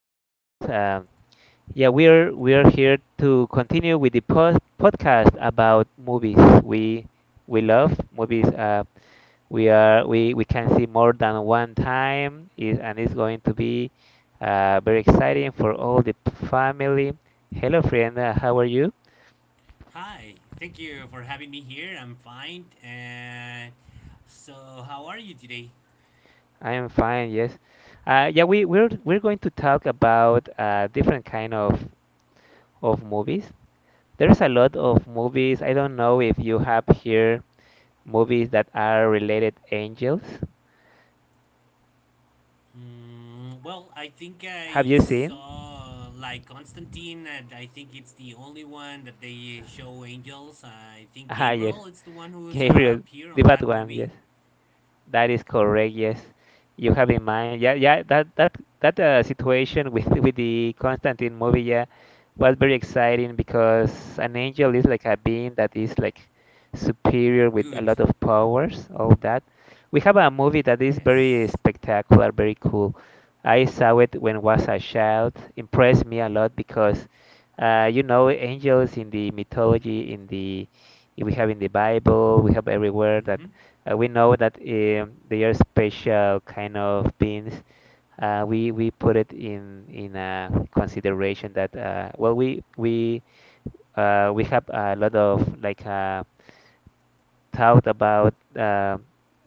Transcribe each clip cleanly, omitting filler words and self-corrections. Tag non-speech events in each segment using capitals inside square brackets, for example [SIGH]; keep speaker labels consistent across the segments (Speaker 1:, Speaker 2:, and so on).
Speaker 1: Hello, friends. Yeah, we're here to continue with the podcast about movies. We love movies. We are we can see more than one time, is, and it's going to be very exciting for all the family. Hello, friend. How are you?
Speaker 2: Hi, thank you for having me here. I'm fine. And so, how are you today?
Speaker 1: I am fine. Yes. Yeah, we're going to talk about different kind of movies. There's a lot of movies. I don't know if you have here movies that are related angels.
Speaker 2: Well, I think
Speaker 1: Have
Speaker 2: I
Speaker 1: you seen? [LAUGHS]
Speaker 2: saw like Constantine, and I think it's the only one that they show angels. I think
Speaker 1: Ah,
Speaker 2: Gabriel
Speaker 1: yes.
Speaker 2: is the one who's
Speaker 1: Gabriel,
Speaker 2: appear on
Speaker 1: the
Speaker 2: that
Speaker 1: bad
Speaker 2: movie.
Speaker 1: one, yes. That is correct, yes. You have in mind, yeah, yeah, that situation with [LAUGHS] with the Constantine movie, yeah, was very exciting because an angel is like a being that is like superior with a
Speaker 2: Good.
Speaker 1: lot of powers, all that. We have a movie that is very
Speaker 2: Yes.
Speaker 1: spectacular, very cool. I saw it when was a child, impressed me a lot because angels in the mythology, in the we have in the Bible, we have everywhere that
Speaker 2: Mm-hmm.
Speaker 1: we know that they are special kind of beans. We put it in a consideration that well we have a lot of like thought about uh,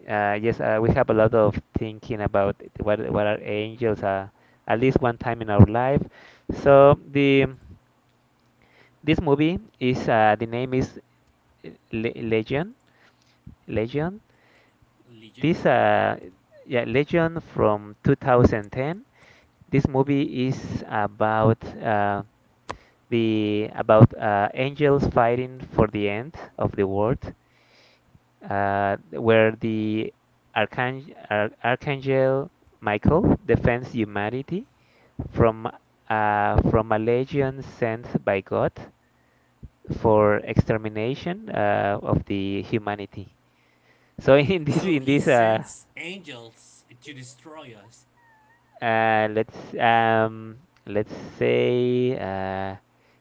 Speaker 1: uh, yes we have a lot of thinking about what are angels at least one time in our life. So the this movie is the name is Le Legion Legion.
Speaker 2: Legion. Uh
Speaker 1: This
Speaker 2: huh.
Speaker 1: yeah, Legion from 2010. This movie is about the about angels fighting for the end of the world, where the archangel, archangel Michael defends humanity from from a legion sent by God for extermination of the humanity. So [LAUGHS] in this
Speaker 2: So
Speaker 1: in
Speaker 2: he
Speaker 1: this uh,
Speaker 2: sends angels to destroy us.
Speaker 1: Uh, let's um, let's say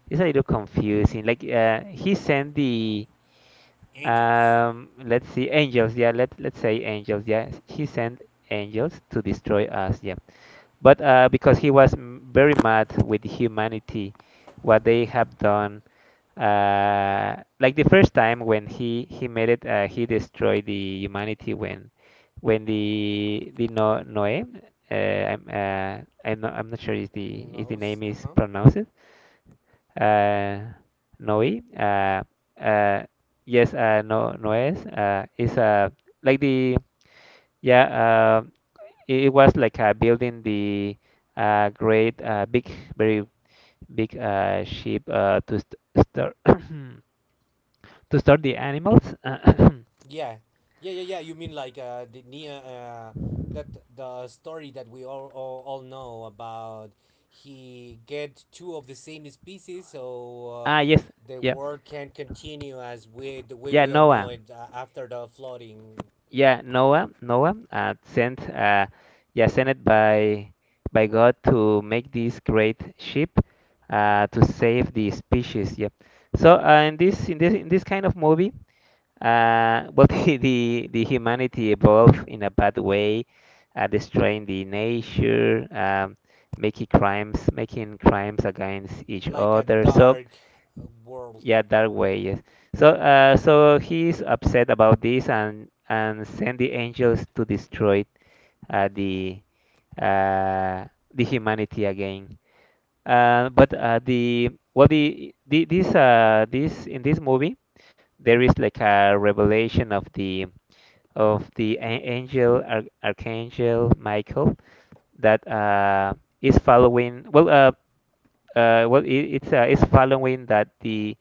Speaker 1: it's a little confusing. Like he sent the
Speaker 2: Angels.
Speaker 1: let's see, angels. Yeah, let's say angels. Yeah, he sent angels to destroy us. Yeah, but because he was very mad with humanity, what they have done like the first time
Speaker 2: Okay.
Speaker 1: when he made it he destroyed the humanity when the Noé I'm not sure if the
Speaker 2: Nose.
Speaker 1: name
Speaker 2: Uh
Speaker 1: is
Speaker 2: huh.
Speaker 1: pronounced uh, Noé uh, yes no Noes is like the yeah it, it was like building the great big very big ship to st store [CLEARS THROAT] [COUGHS] to start the animals. [COUGHS]
Speaker 2: Yeah, yeah, yeah, yeah. You mean like the near that the story that we all know about? He get two of the same species, so
Speaker 1: [CLEARS THROAT] Ah, yes,
Speaker 2: the
Speaker 1: yeah,
Speaker 2: world can continue as we the way
Speaker 1: yeah.
Speaker 2: we all know
Speaker 1: Noah,
Speaker 2: it after the flooding,
Speaker 1: yeah, Noah, Noah, sent, yeah, sent it by God to make this great ship, to save the species. Yeah. So in this in this in this kind of movie, well, [LAUGHS] the humanity evolved in a bad way, destroying the nature, making crimes against each
Speaker 2: like a
Speaker 1: other. So
Speaker 2: dark world,
Speaker 1: yeah, that way, yes. So, so he's upset about this and send the angels to destroy uh, the uh, the humanity again. But the well, the this movie, there is like a revelation of the angel Ar archangel Michael that is following it, it's is following that the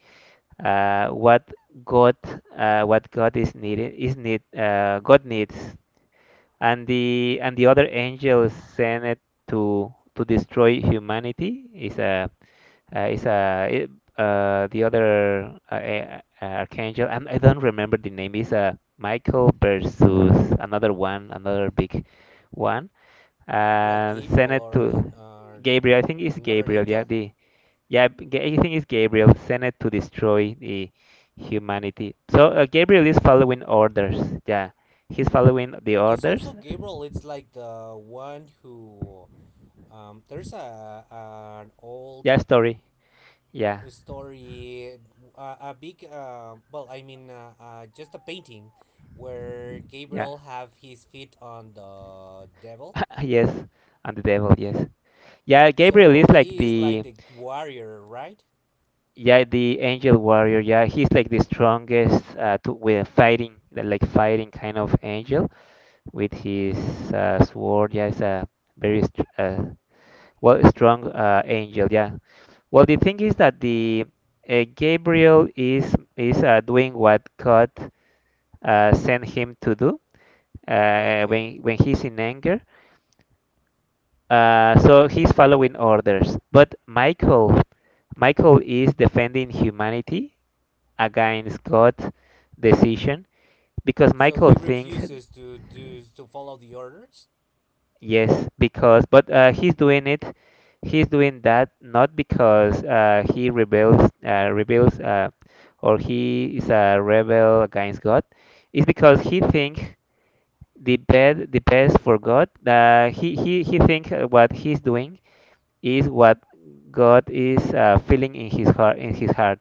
Speaker 1: uh, what God what God is needed is need God needs, and the other angels sent it to destroy humanity is a it, the other archangel and I don't remember the name is a Michael versus another one another big one
Speaker 2: like
Speaker 1: and sent
Speaker 2: Gabriel
Speaker 1: it
Speaker 2: or
Speaker 1: to
Speaker 2: or
Speaker 1: Gabriel, I think it's
Speaker 2: another
Speaker 1: Gabriel, yeah,
Speaker 2: angel.
Speaker 1: the yeah, I think it's Gabriel sent it to destroy the humanity. So Gabriel is following orders. Yeah, he's following the
Speaker 2: Because
Speaker 1: orders.
Speaker 2: also Gabriel, it's like the one who there's a an old
Speaker 1: Yeah, story. Yeah,
Speaker 2: story, well, I mean, just a painting where
Speaker 1: yeah,
Speaker 2: Gabriel have his feet on the devil.
Speaker 1: [LAUGHS] yes, and the devil. Yes. Yeah, Gabriel is
Speaker 2: So
Speaker 1: like
Speaker 2: he is like
Speaker 1: the
Speaker 2: the warrior, right?
Speaker 1: yeah the angel warrior. Yeah, he's like the strongest to with fighting like fighting kind of angel with his sword. Yeah, it's a very well strong angel. Yeah, well, the thing is that the Gabriel is doing what God sent him to do
Speaker 2: Okay.
Speaker 1: when he's in anger. So he's following orders. But Michael, Michael is defending humanity against God's decision because
Speaker 2: So
Speaker 1: Michael
Speaker 2: he
Speaker 1: thinks,
Speaker 2: refuses to follow the orders,
Speaker 1: yes, because but he's doing it. He's doing that not because he rebels, or he is a rebel against God. It's because he thinks the best for God. He he thinks what he's doing is what God is feeling in his heart. In his heart.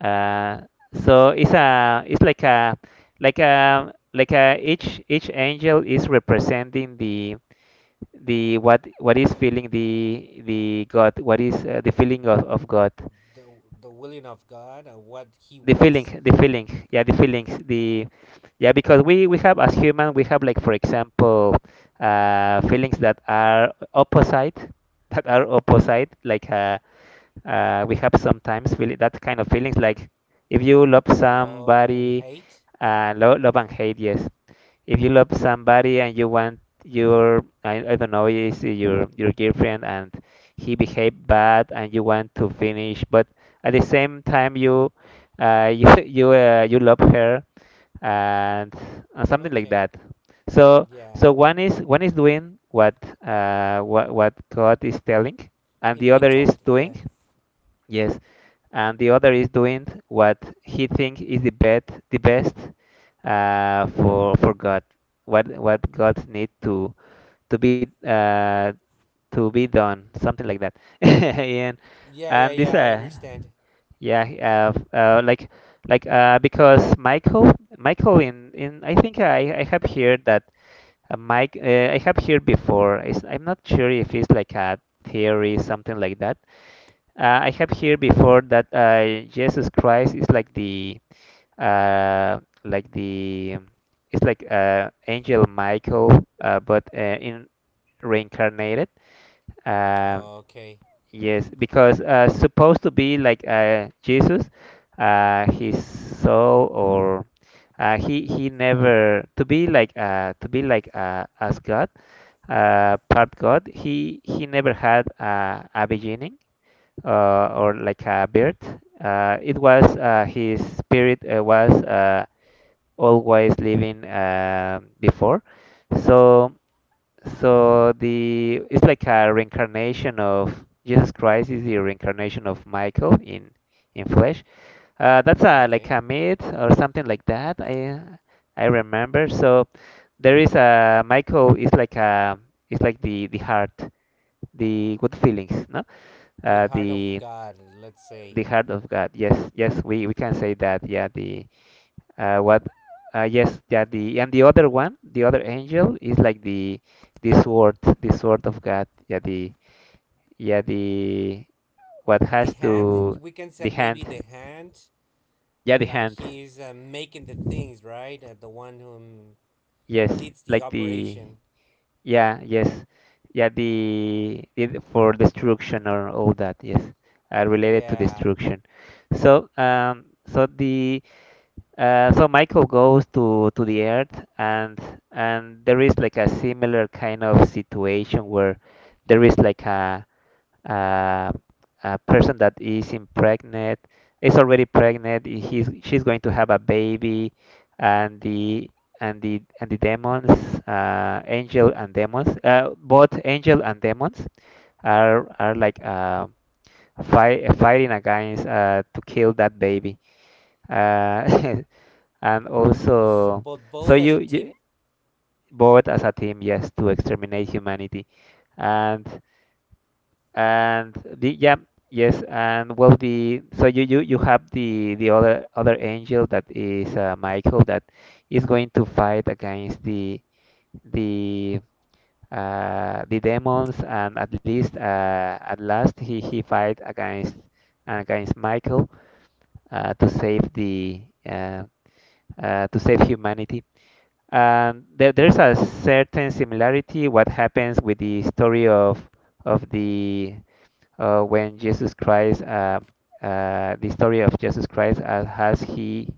Speaker 1: Uh, so it's a it's like a each angel is representing the what is feeling the God, what is the feeling of God,
Speaker 2: the the willing of God, and what he
Speaker 1: the feeling,
Speaker 2: wants,
Speaker 1: the feeling, yeah, the feelings, the yeah, because we have as human we have, like, for example, feelings that are opposite, [LAUGHS] that are opposite, like we have sometimes feel that kind of feelings, like if you love
Speaker 2: love and
Speaker 1: somebody
Speaker 2: hate.
Speaker 1: love and hate, yes, if you love somebody and you want your I don't know, is your girlfriend and he behaved bad and you want to finish but at the same time you [LAUGHS] you love her and something like
Speaker 2: Okay.
Speaker 1: that. So
Speaker 2: Yeah.
Speaker 1: so one is doing what what God is telling and
Speaker 2: It's
Speaker 1: the
Speaker 2: been
Speaker 1: other is
Speaker 2: told.
Speaker 1: doing,
Speaker 2: Yeah.
Speaker 1: yes, and the other is doing what he thinks is the best, the best for God, what God need to be uh, to be done, something like that. [LAUGHS] and
Speaker 2: Yeah, yeah,
Speaker 1: and this
Speaker 2: yeah. I understand.
Speaker 1: yeah, like because Michael, Michael, in I think I have heard that Mike I have heard before. It's, I'm not sure if it's like a theory, something like that. I have heard before that Jesus Christ is like the like the, it's like Angel Michael, but in reincarnated. Um
Speaker 2: Okay.
Speaker 1: yes, because supposed to be like Jesus, his soul or he never to be like to be like as God, part God. He never had a beginning or like a birth. It was his spirit was always living before. So so the it's like a reincarnation of Jesus Christ is the reincarnation of Michael in flesh. That's a like
Speaker 2: Okay.
Speaker 1: a myth or something like that. I remember. So there is a Michael is like a, it's like the heart, the good feelings, no?
Speaker 2: The
Speaker 1: Uh,
Speaker 2: heart of
Speaker 1: the
Speaker 2: God, let's say.
Speaker 1: the heart of God. Yes, yes, we can say that. Yeah, the what? Yes, yeah. The and the other one, the other angel is like the sword of God. Yeah the what
Speaker 2: The
Speaker 1: has
Speaker 2: hand,
Speaker 1: to,
Speaker 2: we can
Speaker 1: the
Speaker 2: say
Speaker 1: hand.
Speaker 2: maybe the hand,
Speaker 1: Yeah, the
Speaker 2: like
Speaker 1: hand.
Speaker 2: he's making the things, right? The one who
Speaker 1: Yes,
Speaker 2: leads the
Speaker 1: like the
Speaker 2: operation.
Speaker 1: yeah yes yeah the for destruction or all that. Yes, related to
Speaker 2: Yeah.
Speaker 1: destruction. So so the so Michael goes to the Earth, and there is like a similar kind of situation where there is like a, a person that is impregnate, is already pregnant. He's, she's going to have a baby, and the and the and the demons, angel and demons, both angel and demons are like fighting against to kill that baby. Uh, [LAUGHS] and
Speaker 2: So,
Speaker 1: also,
Speaker 2: but
Speaker 1: so
Speaker 2: both as
Speaker 1: you,
Speaker 2: a
Speaker 1: you
Speaker 2: team?
Speaker 1: both as a team, yes, to exterminate humanity, and and the yeah, yes, and well the so you have the other other angel that is Michael that is going to fight against the the demons and at least at last he fight against against Michael to save the uh, to save humanity. There, there's a certain similarity what happens with the story of the when Jesus Christ, the story of Jesus Christ, has he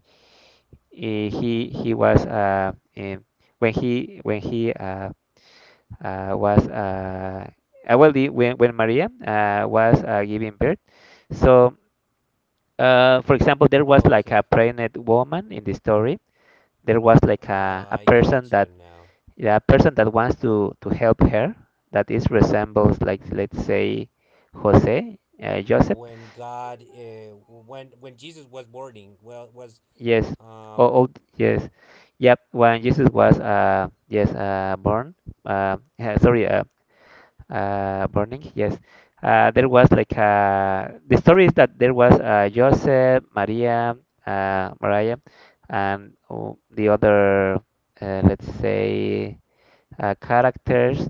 Speaker 1: he was when he was well the, when Maria was giving birth. So, for example, there was like a
Speaker 2: Okay.
Speaker 1: pregnant woman in the story. There was like
Speaker 2: Oh,
Speaker 1: a
Speaker 2: I
Speaker 1: person
Speaker 2: got you
Speaker 1: that,
Speaker 2: now.
Speaker 1: yeah, a person that wants to help her that is resembles, like, let's say Jose, Joseph.
Speaker 2: When God, when Jesus was boarding, well, was
Speaker 1: Yes.
Speaker 2: uh,
Speaker 1: Oh, oh, yes. Yep. When Jesus was born, uh [LAUGHS] sorry, burning, yes. There was like the story is that there was Joseph, Maria, uh, Maria, and oh, the other let's say characters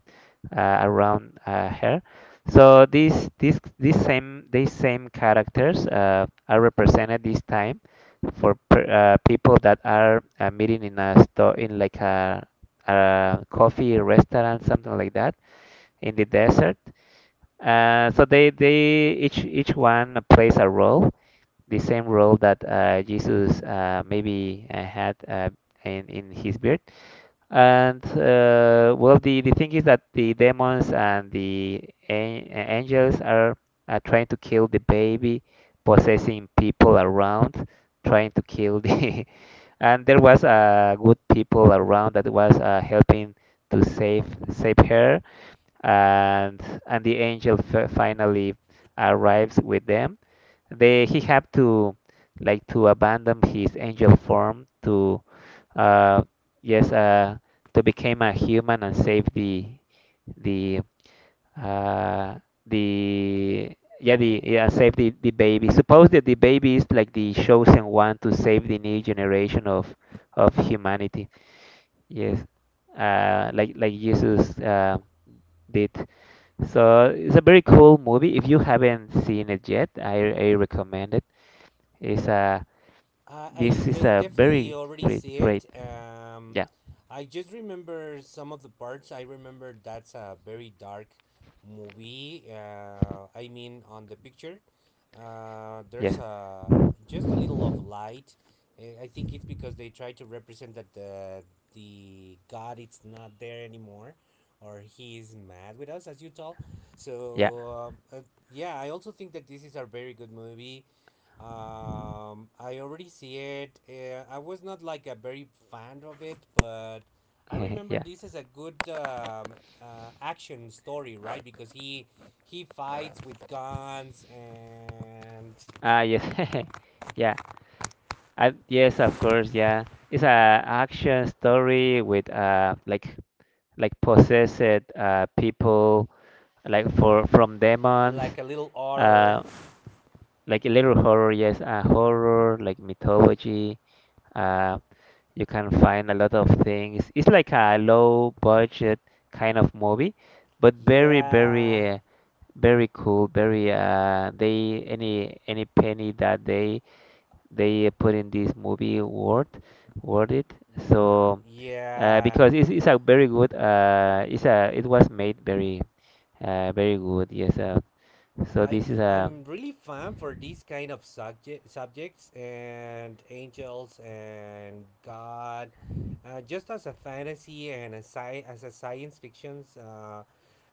Speaker 1: around her. So these same characters are represented this time for people that are meeting in a store in like a coffee restaurant something like that in the desert. So they each one plays a role, the same role that Jesus maybe had in his birth. And well, the thing is that the demons and the angels are trying to kill the baby, possessing people around, trying to kill the. [LAUGHS] And there was good people around that was helping to save her, and the angel finally arrives with them. They he had to like to abandon his angel form to uh, yes, uh, to become a human and save the uh, the yeah the save the baby. Suppose that the baby is like the chosen one to save the new generation of humanity. Yes, like Jesus did. So it's a very cool movie. If you haven't seen it yet, I recommend it. It's a
Speaker 2: I
Speaker 1: this
Speaker 2: I
Speaker 1: is
Speaker 2: I
Speaker 1: a
Speaker 2: definitely
Speaker 1: very
Speaker 2: already
Speaker 1: great
Speaker 2: see
Speaker 1: great
Speaker 2: it.
Speaker 1: yeah
Speaker 2: I just remember some of the parts. I remember that's a very dark movie. I mean, on the picture, there's
Speaker 1: yes.
Speaker 2: a just a little of light. I think it's because they try to represent that the God it's not there anymore, or he is mad with us, as you tell.
Speaker 1: Yeah.
Speaker 2: So, yeah, I also think that this is a very good movie. I already see it. I was not like a very fan of it, but I
Speaker 1: [LAUGHS]
Speaker 2: remember
Speaker 1: Yeah.
Speaker 2: this is a good action story, right? Because he fights with guns and
Speaker 1: Ah, yes. [LAUGHS] Yeah. Yes, of course. Yeah. It's a action story with like possessed people like for from demons.
Speaker 2: like a little horror.
Speaker 1: Uh, like a little horror. Yes, horror like mythology. Uh, you can find a lot of things. It's like a low budget kind of movie, but
Speaker 2: Yeah,
Speaker 1: very cool. Very They any penny that they put in this movie word it so
Speaker 2: yeah.
Speaker 1: because it's a very good it's a it was made very good yes so
Speaker 2: I
Speaker 1: this is a
Speaker 2: am really fan for these kind of subjects and angels and God, just as a fantasy and a science fictions.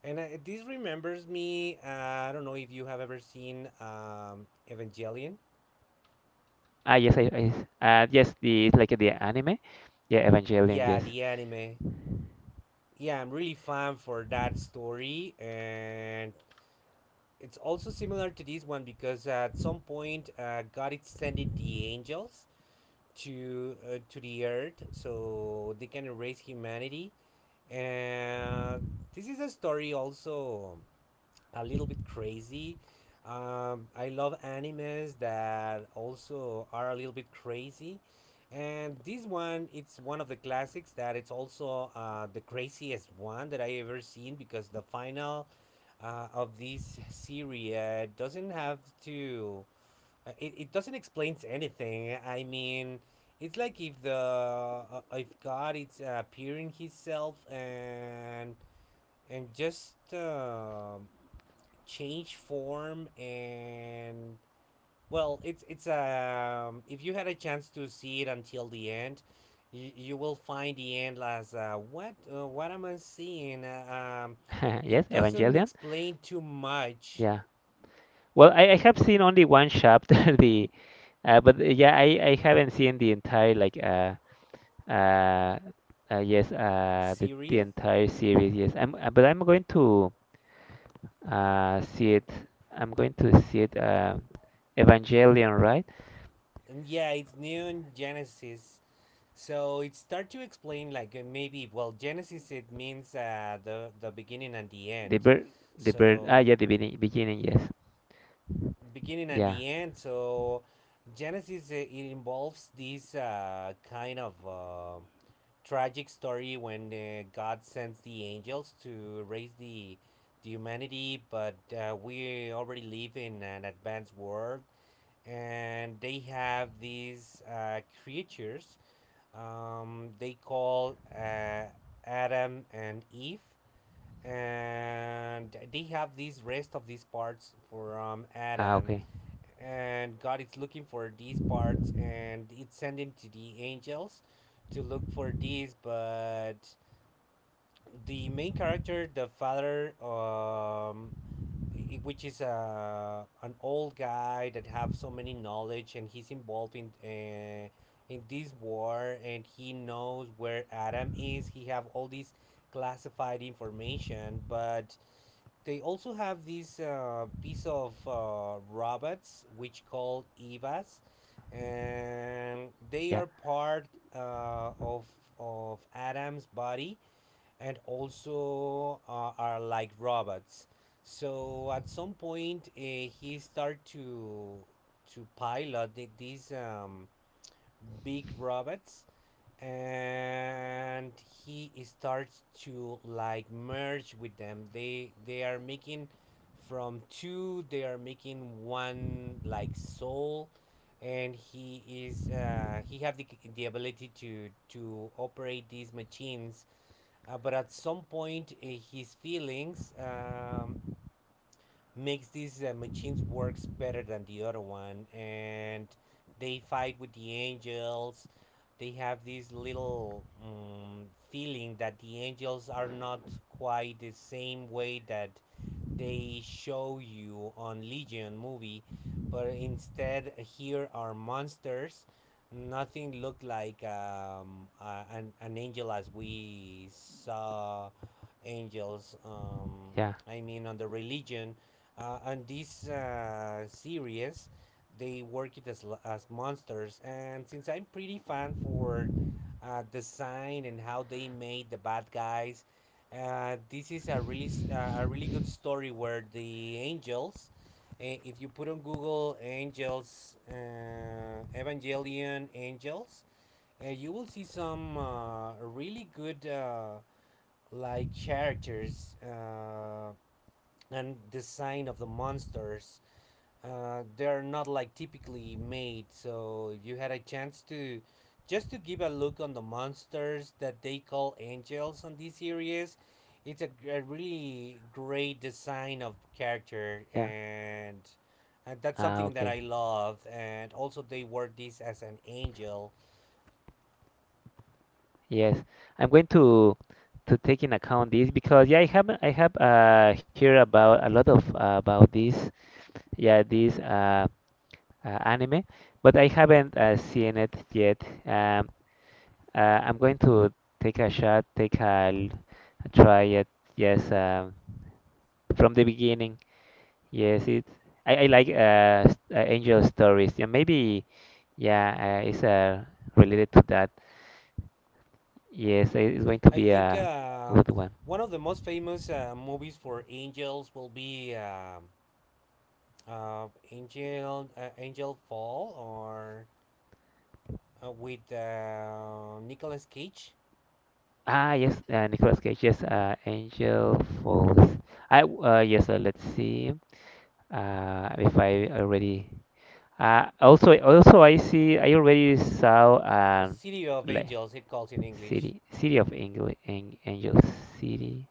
Speaker 2: And this remembers me. I don't know if you have ever seen Evangelion.
Speaker 1: ah yes I yes the It's like the anime, yeah, Evangelion.
Speaker 2: Yeah,
Speaker 1: Yes.
Speaker 2: the anime. Yeah, I'm really fan for that story, and it's also similar to this one because at some point, God is sending the angels to the earth so they can erase humanity, and this is a story also a little bit crazy. I love animes that also are a little bit crazy, and this one it's one of the classics that it's also the craziest one that I ever seen, because the final of this series doesn't have to it doesn't explain anything. I mean, it's like if the if God is appearing Himself and just change form, and well, it's if you had a chance to see it until the end, you will find the end as what am I seeing?
Speaker 1: [LAUGHS]
Speaker 2: It
Speaker 1: Yes,
Speaker 2: doesn't
Speaker 1: Evangelion.
Speaker 2: explain too much.
Speaker 1: Yeah, well, I have seen only one chapter. [LAUGHS] the but Yeah, I haven't seen the entire uh, the
Speaker 2: Syria,
Speaker 1: entire series. Yes I'm uh, but I'm going to see it. I'm going to see it. Evangelion, right?
Speaker 2: and yeah, it's Neon Genesis. So it's start to explain like maybe, well, Genesis it means the beginning and the
Speaker 1: The
Speaker 2: end.
Speaker 1: bird, the bird. Ah,
Speaker 2: So
Speaker 1: yeah, the beginning. Yes.
Speaker 2: beginning and
Speaker 1: Yeah.
Speaker 2: the end. So Genesis it involves this kind of tragic story when God sends the angels to raise the humanity, but we already live in an advanced world, and they have these creatures. They call Adam and Eve, and they have these rest of these parts from
Speaker 1: Ah,
Speaker 2: Adam.
Speaker 1: okay.
Speaker 2: And God is looking for these parts, and it's sending to the angels to look for these. But the main character, the father, which is an old guy that have so many knowledge, and he's involved in this war, and he knows where Adam is. He have all this classified information, but they also have this piece of robots which called evas, and they
Speaker 1: Yeah,
Speaker 2: are part uh, of of Adam's body, and also are like robots. So at some point, he started to pilot the, these big robots, and he starts to like merge with them. They are making from two. They are making one like soul, and he have the ability to operate these machines, but at some point, his feelings, makes these machines works better than the other one, and they fight with the angels. They have this little feeling that the angels are not quite the same way that they show you on Legion movie, but instead here are monsters. Nothing looked like an angel as we saw angels.
Speaker 1: yeah,
Speaker 2: I mean, on the religion, and this series, they work it as monsters. And since I'm pretty fan for design and how they made the bad guys, this is a really good story, where the angels, if you put on Google angels, Evangelion angels, you will see some really good, like, characters, and design of the monsters. They're not like typically made. So you had a chance to just to give a look on the monsters that they call angels on this series. It's a really great design of character,
Speaker 1: yeah.
Speaker 2: and that's
Speaker 1: Ah,
Speaker 2: something that I
Speaker 1: okay.
Speaker 2: love. And also they word this as an angel.
Speaker 1: Yes, I'm going to take in account this because yeah, I have heard about a lot of about this yeah this uh, anime, but I haven't seen it yet. I'm going to take a shot, take a, l- a try it. Yes. From the beginning. Yes, it. I like angel stories. Yeah, maybe yeah, it's related to that. It's going to
Speaker 2: I
Speaker 1: be
Speaker 2: think,
Speaker 1: a good one.
Speaker 2: one of the most famous movies for angels will be. Angel Fall, or with Nicolas Cage,
Speaker 1: Ah, yes, Nicolas Cage. Yes, Angel Falls. Yes. Let's see. If I already. Also I see. I already saw.
Speaker 2: A City of
Speaker 1: Like
Speaker 2: Angels, it calls in English.
Speaker 1: city of angels, city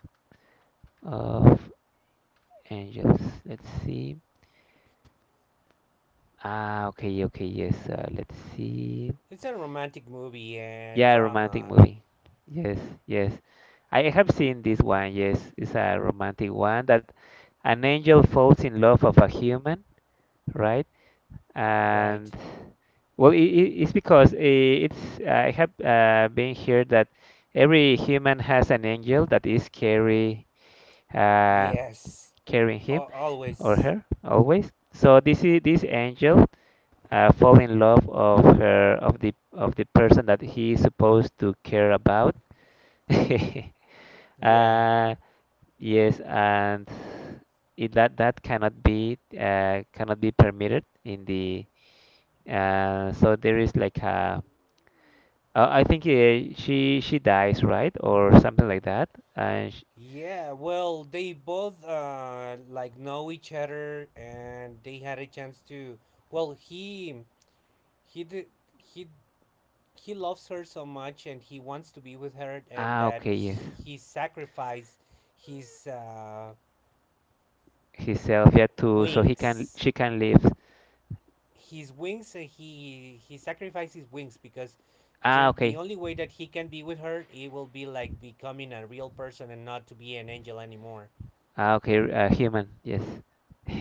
Speaker 1: of angels. Let's see. Ah, okay, yes. Let's see.
Speaker 2: It's a romantic movie and
Speaker 1: Yeah, romantic
Speaker 2: drama,
Speaker 1: movie. Yes, yes. I have seen this one. Yes, it's a romantic one that an angel falls in love of a human, right?
Speaker 2: right?
Speaker 1: And well, it's because eh, it's I have been here that every human has an angel that is uh,
Speaker 2: Yes,
Speaker 1: carrying him
Speaker 2: Al
Speaker 1: or
Speaker 2: always.
Speaker 1: her always. So this is this angel fall in love of her of the person that he is supposed to care about. [LAUGHS]
Speaker 2: Yeah,
Speaker 1: Uh, yes, and that cannot be permitted in the so there is like a I think she dies, right, or something like that. And sh
Speaker 2: yeah. Well, they both like know each other, and they had a chance to. Well, he did he he loves her so much, and he wants to be with her, and
Speaker 1: Ah,
Speaker 2: that
Speaker 1: okay, yes.
Speaker 2: he sacrificed his
Speaker 1: Himself, yeah, too, so he can
Speaker 2: wings
Speaker 1: she can live.
Speaker 2: his wings he sacrificed his wings, because
Speaker 1: Ah,
Speaker 2: the
Speaker 1: okay.
Speaker 2: only way that he can be with her it will be like becoming a real person and not to be an angel anymore.
Speaker 1: Ah, okay. Uh, human, yes.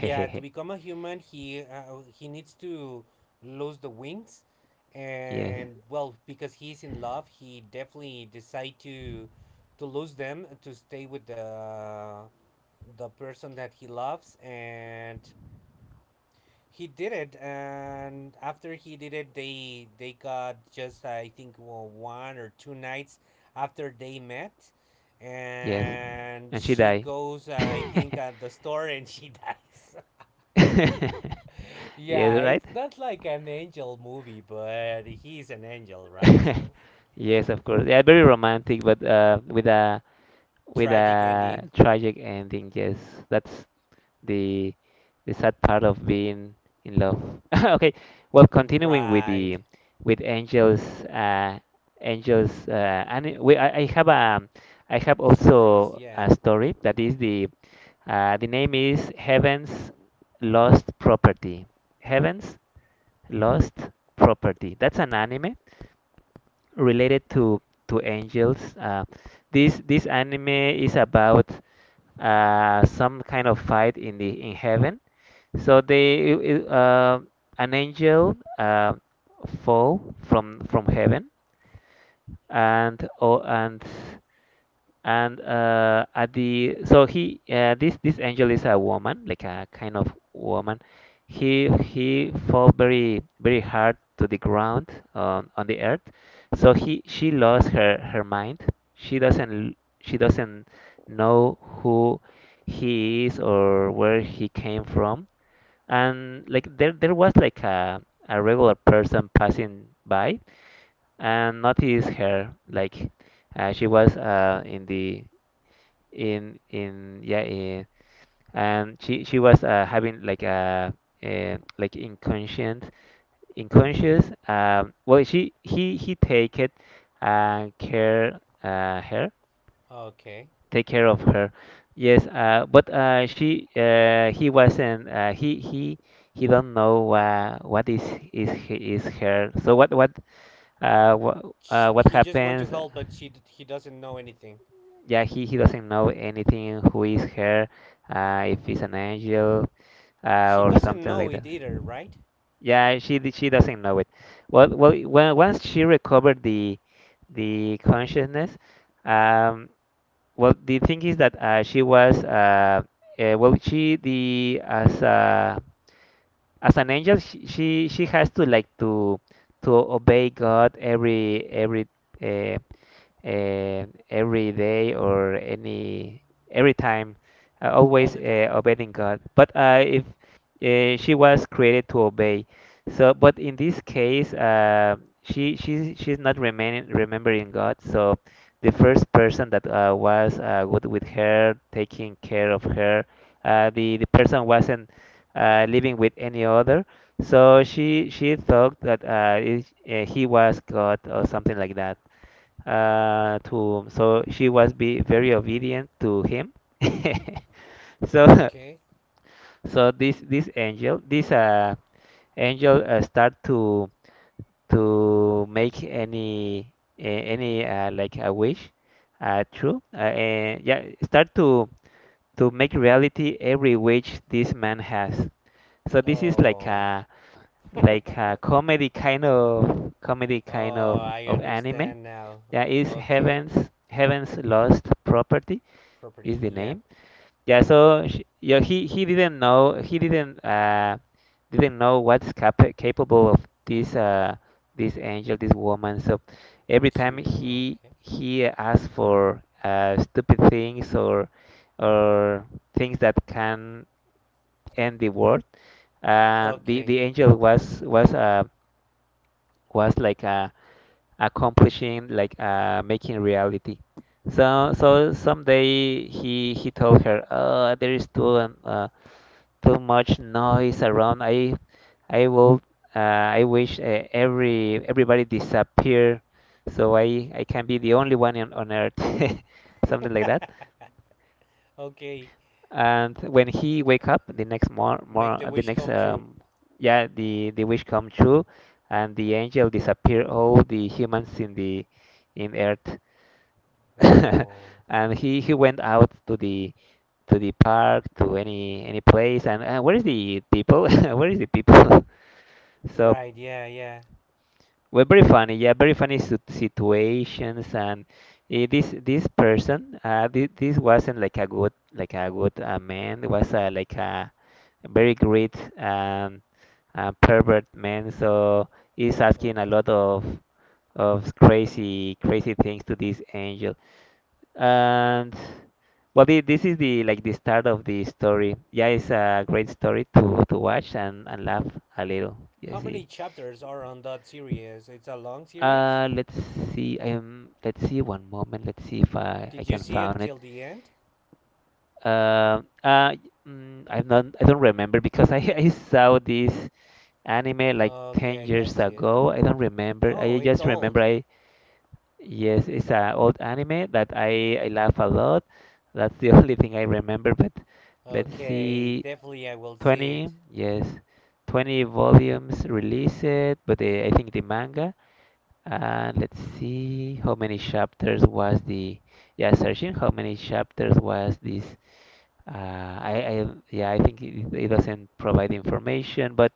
Speaker 2: Yeah, to become a human he needs to lose the wings,
Speaker 1: Yes.
Speaker 2: and well, because he's in love, he definitely decide to lose them to stay with the person that he loves. And he did it, and after he did it, they got just, I think, well, one or two nights after they met,
Speaker 1: Yes,
Speaker 2: and
Speaker 1: and she
Speaker 2: she
Speaker 1: died. [LAUGHS]
Speaker 2: goes, I think at the store, and she [LAUGHS] dies.
Speaker 1: Yes,
Speaker 2: Yeah,
Speaker 1: right?
Speaker 2: it's not like an angel movie, but he's an angel, right? So,
Speaker 1: [LAUGHS] Yes, of course. Yeah, very romantic, but with
Speaker 2: tragic
Speaker 1: a
Speaker 2: ending,
Speaker 1: tragic ending. Yes, that's the the sad part of being in love. [LAUGHS] Okay, well, continuing with the
Speaker 2: right?
Speaker 1: with Angel's uh, Angel's, and we I have a I have
Speaker 2: Stories,
Speaker 1: also
Speaker 2: yeah.
Speaker 1: a story that is the name is Heaven's Lost Property. Heaven's Lost Property. That's an anime related to angels. This this anime is about some kind of fight in the in heaven. So they uh, an angel fall from heaven and oh, and at the so he this this angel is a woman, like a kind of woman. He fell very very hard to the ground on the earth, so he she lost her her mind. she doesn't she doesn't know who he is or where he came from. And like there was like a regular person passing by and noticed her like she was in the in yeah eh, and she was having like a like inconscient inconscious. Well, she he take it care her
Speaker 2: Okay.
Speaker 1: take care of her yes, but she he wasn't he don't know what is her so what uh what uh what
Speaker 2: He just went to
Speaker 1: happens
Speaker 2: hell, but he doesn't know anything.
Speaker 1: Yeah, he doesn't know anything, who is her, if he's an angel
Speaker 2: She
Speaker 1: or
Speaker 2: doesn't
Speaker 1: something
Speaker 2: know
Speaker 1: like that.
Speaker 2: it either, right?
Speaker 1: Yeah, she doesn't know it. Well, well, when, once she recovered the consciousness, um, well, the thing is that she the as a as an angel, she has to like to obey God uh, every day or any every time, always
Speaker 2: All the time.
Speaker 1: obeying God. But if she was created to obey, so but in this case, she's not remaining remembering God. So the first person that was good with her, taking care of her, the person wasn't living with any other. So she thought that he was God or something like that, to so she was be very obedient to him. [LAUGHS] So
Speaker 2: Okay.
Speaker 1: so this angel start to make any like a wish true, yeah, start to make reality every wish this man has. So this is
Speaker 2: Oh.
Speaker 1: like a
Speaker 2: [LAUGHS]
Speaker 1: comedy kind
Speaker 2: Oh, I
Speaker 1: of anime.
Speaker 2: understand now.
Speaker 1: Yeah, is
Speaker 2: Okay.
Speaker 1: Heaven's Lost Property is
Speaker 2: Property,
Speaker 1: the
Speaker 2: yeah.
Speaker 1: name. Yeah, so sh yeah, he didn't know, he didn't know what's capable of this this angel, this woman. So every
Speaker 2: To
Speaker 1: time
Speaker 2: do, okay.
Speaker 1: he asked for stupid things or things that can end the world, the
Speaker 2: Okay.
Speaker 1: angel was like accomplishing, like making reality. So so someday he told her, "Oh, there is too much noise around. I will I wish everybody disappear, so I can be the only one on earth." [LAUGHS] Something like that.
Speaker 2: Okay.
Speaker 1: And when he wake up
Speaker 2: Make the
Speaker 1: the
Speaker 2: wish
Speaker 1: next
Speaker 2: come true.
Speaker 1: yeah, the wish come true, and the angel disappear all the humans in the in earth. [LAUGHS]
Speaker 2: Oh.
Speaker 1: And he went out to the park to any place, and where is the people? [LAUGHS] Where is the people? [LAUGHS] So
Speaker 2: Right, yeah, yeah.
Speaker 1: well, very funny situations. This this this wasn't like a good man, it was like a very great pervert man, so he's asking a
Speaker 2: Okay.
Speaker 1: lot of crazy things to this angel. And Well, this is the like the start of the story. Yeah, it's a great story to watch and laugh a little.
Speaker 2: How
Speaker 1: Yeah,
Speaker 2: many
Speaker 1: see.
Speaker 2: chapters are on that series? It's a long series?
Speaker 1: Let's see. Let's see. One moment. Let's see if I
Speaker 2: Did you
Speaker 1: can
Speaker 2: see
Speaker 1: find it.
Speaker 2: until the end?
Speaker 1: Uh, uh, mm, I'm not. I don't remember because I [LAUGHS] I saw this anime like ten
Speaker 2: Okay, I
Speaker 1: years
Speaker 2: got you.
Speaker 1: ago. I don't remember.
Speaker 2: Oh,
Speaker 1: I
Speaker 2: it's
Speaker 1: just
Speaker 2: old.
Speaker 1: remember I yes, it's an old anime that I laugh a lot. That's the [LAUGHS] only thing I remember. But let's
Speaker 2: Okay,
Speaker 1: see.
Speaker 2: definitely I will see
Speaker 1: 20,
Speaker 2: it.
Speaker 1: yes, 20 volumes released, but I think the manga, let's see how many chapters yeah, searching how many chapters was this, uh, yeah, I think it doesn't provide information, but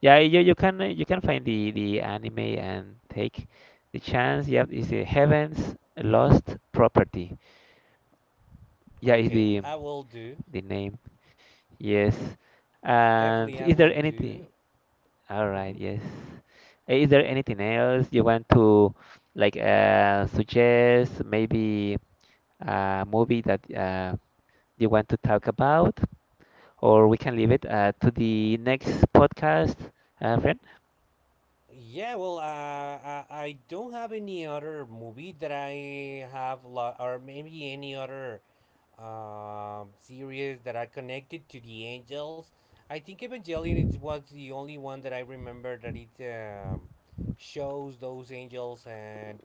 Speaker 1: yeah, you can find the anime and take the chance. Yeah, it's the Heaven's Lost Property. Yeah, is
Speaker 2: Okay, I will do.
Speaker 1: the name. Yes. And
Speaker 2: Definitely I
Speaker 1: is
Speaker 2: will
Speaker 1: there
Speaker 2: do.
Speaker 1: anything? All
Speaker 2: Hmm.
Speaker 1: right, yes. Eh, is there anything else you want to like suggest? Maybe a movie that you want to talk about, or we can leave it to the next podcast, friend.
Speaker 2: Yeah, well, I don't have any other movie that I have, or maybe any other series that are connected to the angels. I think Evangelion it was the only one that I remember that it, shows those angels, and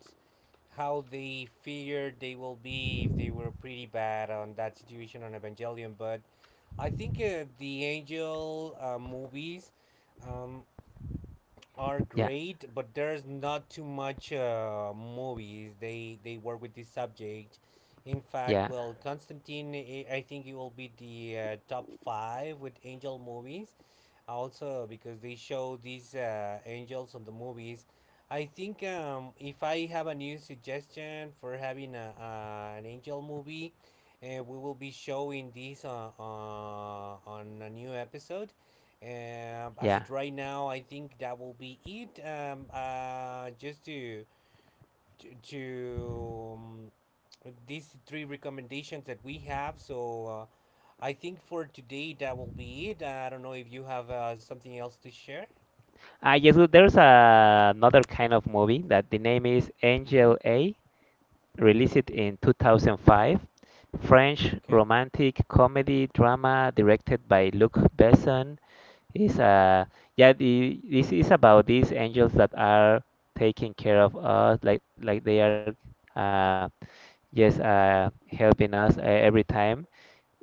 Speaker 2: how they feared they will be if they were pretty bad on that situation on Evangelion. But I think the angel movies, Um,
Speaker 1: Yeah,
Speaker 2: are great, but there's not too much movies. They work with this subject. In fact,
Speaker 1: yeah,
Speaker 2: well, Constantine, I think it will be the top five with Angel movies, also because they show these angels on the movies. I think, if I have a new suggestion for having an angel movie, we will be showing this on a new episode. As
Speaker 1: yeah.
Speaker 2: it right now, I think that will be it. Just to these three recommendations that we have. So, I think for today that will be it. I don't know if you have something else to share.
Speaker 1: Ah, yes. Well, there's another kind of movie that the name is
Speaker 2: Mm-hmm.
Speaker 1: Angel A. Released in 2005, French
Speaker 2: Okay.
Speaker 1: romantic comedy drama directed by Luc Besson. Is uh this is about these angels that are taking care of us like they are uh yes, helping us every time.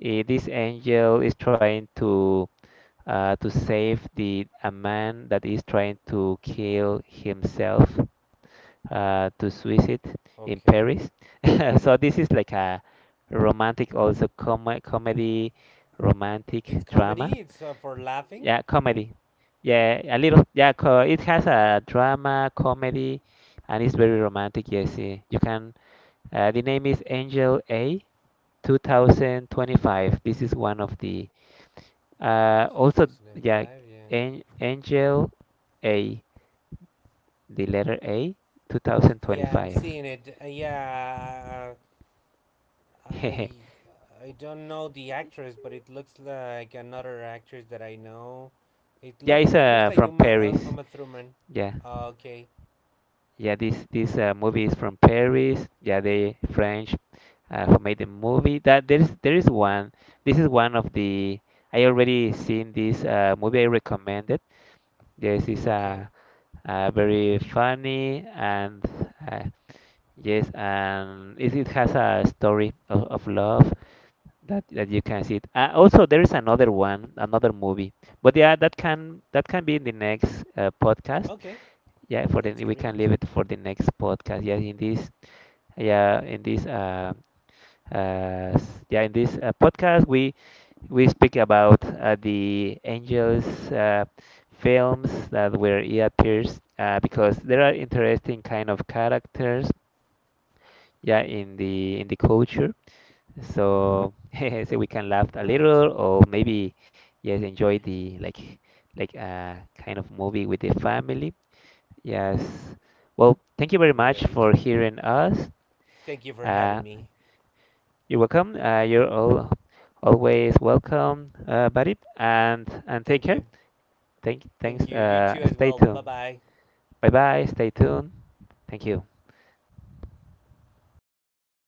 Speaker 1: Eh, this angel is trying to save the a man that is trying to kill himself, to suicide in
Speaker 2: Okay.
Speaker 1: Paris. [LAUGHS] So this is like a romantic also comedy romantic
Speaker 2: It's
Speaker 1: drama.
Speaker 2: comedy. It's for laughing.
Speaker 1: Yeah, comedy. Yeah, a little. Yeah, co it has a drama, comedy, and it's very romantic. Yes, eh, you can. The name is Angel A 2025. This is one of the. Uh, also, yeah,
Speaker 2: 2005. Yeah.
Speaker 1: an Angel A, the letter A
Speaker 2: Yeah, I'm
Speaker 1: 2025.
Speaker 2: seeing it. Yeah. Uh, I
Speaker 1: [LAUGHS]
Speaker 2: I don't know the actress, but it looks like another actress that I know.
Speaker 1: Yeah, it's
Speaker 2: It looks like
Speaker 1: from Paris.
Speaker 2: Uma Thurman.
Speaker 1: Yeah.
Speaker 2: Okay.
Speaker 1: Yeah, this movie is from Paris. Yeah, the French who made the movie. That there is one. This is one of the. I already seen this movie. I recommended. Yes, it's
Speaker 2: Okay.
Speaker 1: a, uh, very funny and uh, yes, and it has a story of love that that you can see it. Also, there is another one, another movie. But yeah, that can be in the next podcast.
Speaker 2: Okay.
Speaker 1: Yeah, for the
Speaker 2: That's
Speaker 1: we can
Speaker 2: great.
Speaker 1: leave it for the next podcast. Yeah, in this in this podcast we speak about the angels, uh, films that where he appears, because there are interesting kind of characters, yeah, in the culture. So [LAUGHS] so we can laugh a
Speaker 2: Right.
Speaker 1: little or maybe yes enjoy the like kind of movie with the family. Yes, well, thank you very much
Speaker 2: Great.
Speaker 1: for hearing us.
Speaker 2: Thank you for having
Speaker 1: Uh,
Speaker 2: me.
Speaker 1: you're welcome. You're all always welcome, buddy. And take
Speaker 2: Thank
Speaker 1: care.
Speaker 2: you. Thank
Speaker 1: Thanks.
Speaker 2: you. You too as
Speaker 1: Stay
Speaker 2: well. Bye
Speaker 1: tuned.
Speaker 2: bye.
Speaker 1: Bye bye. Stay tuned. Thank you.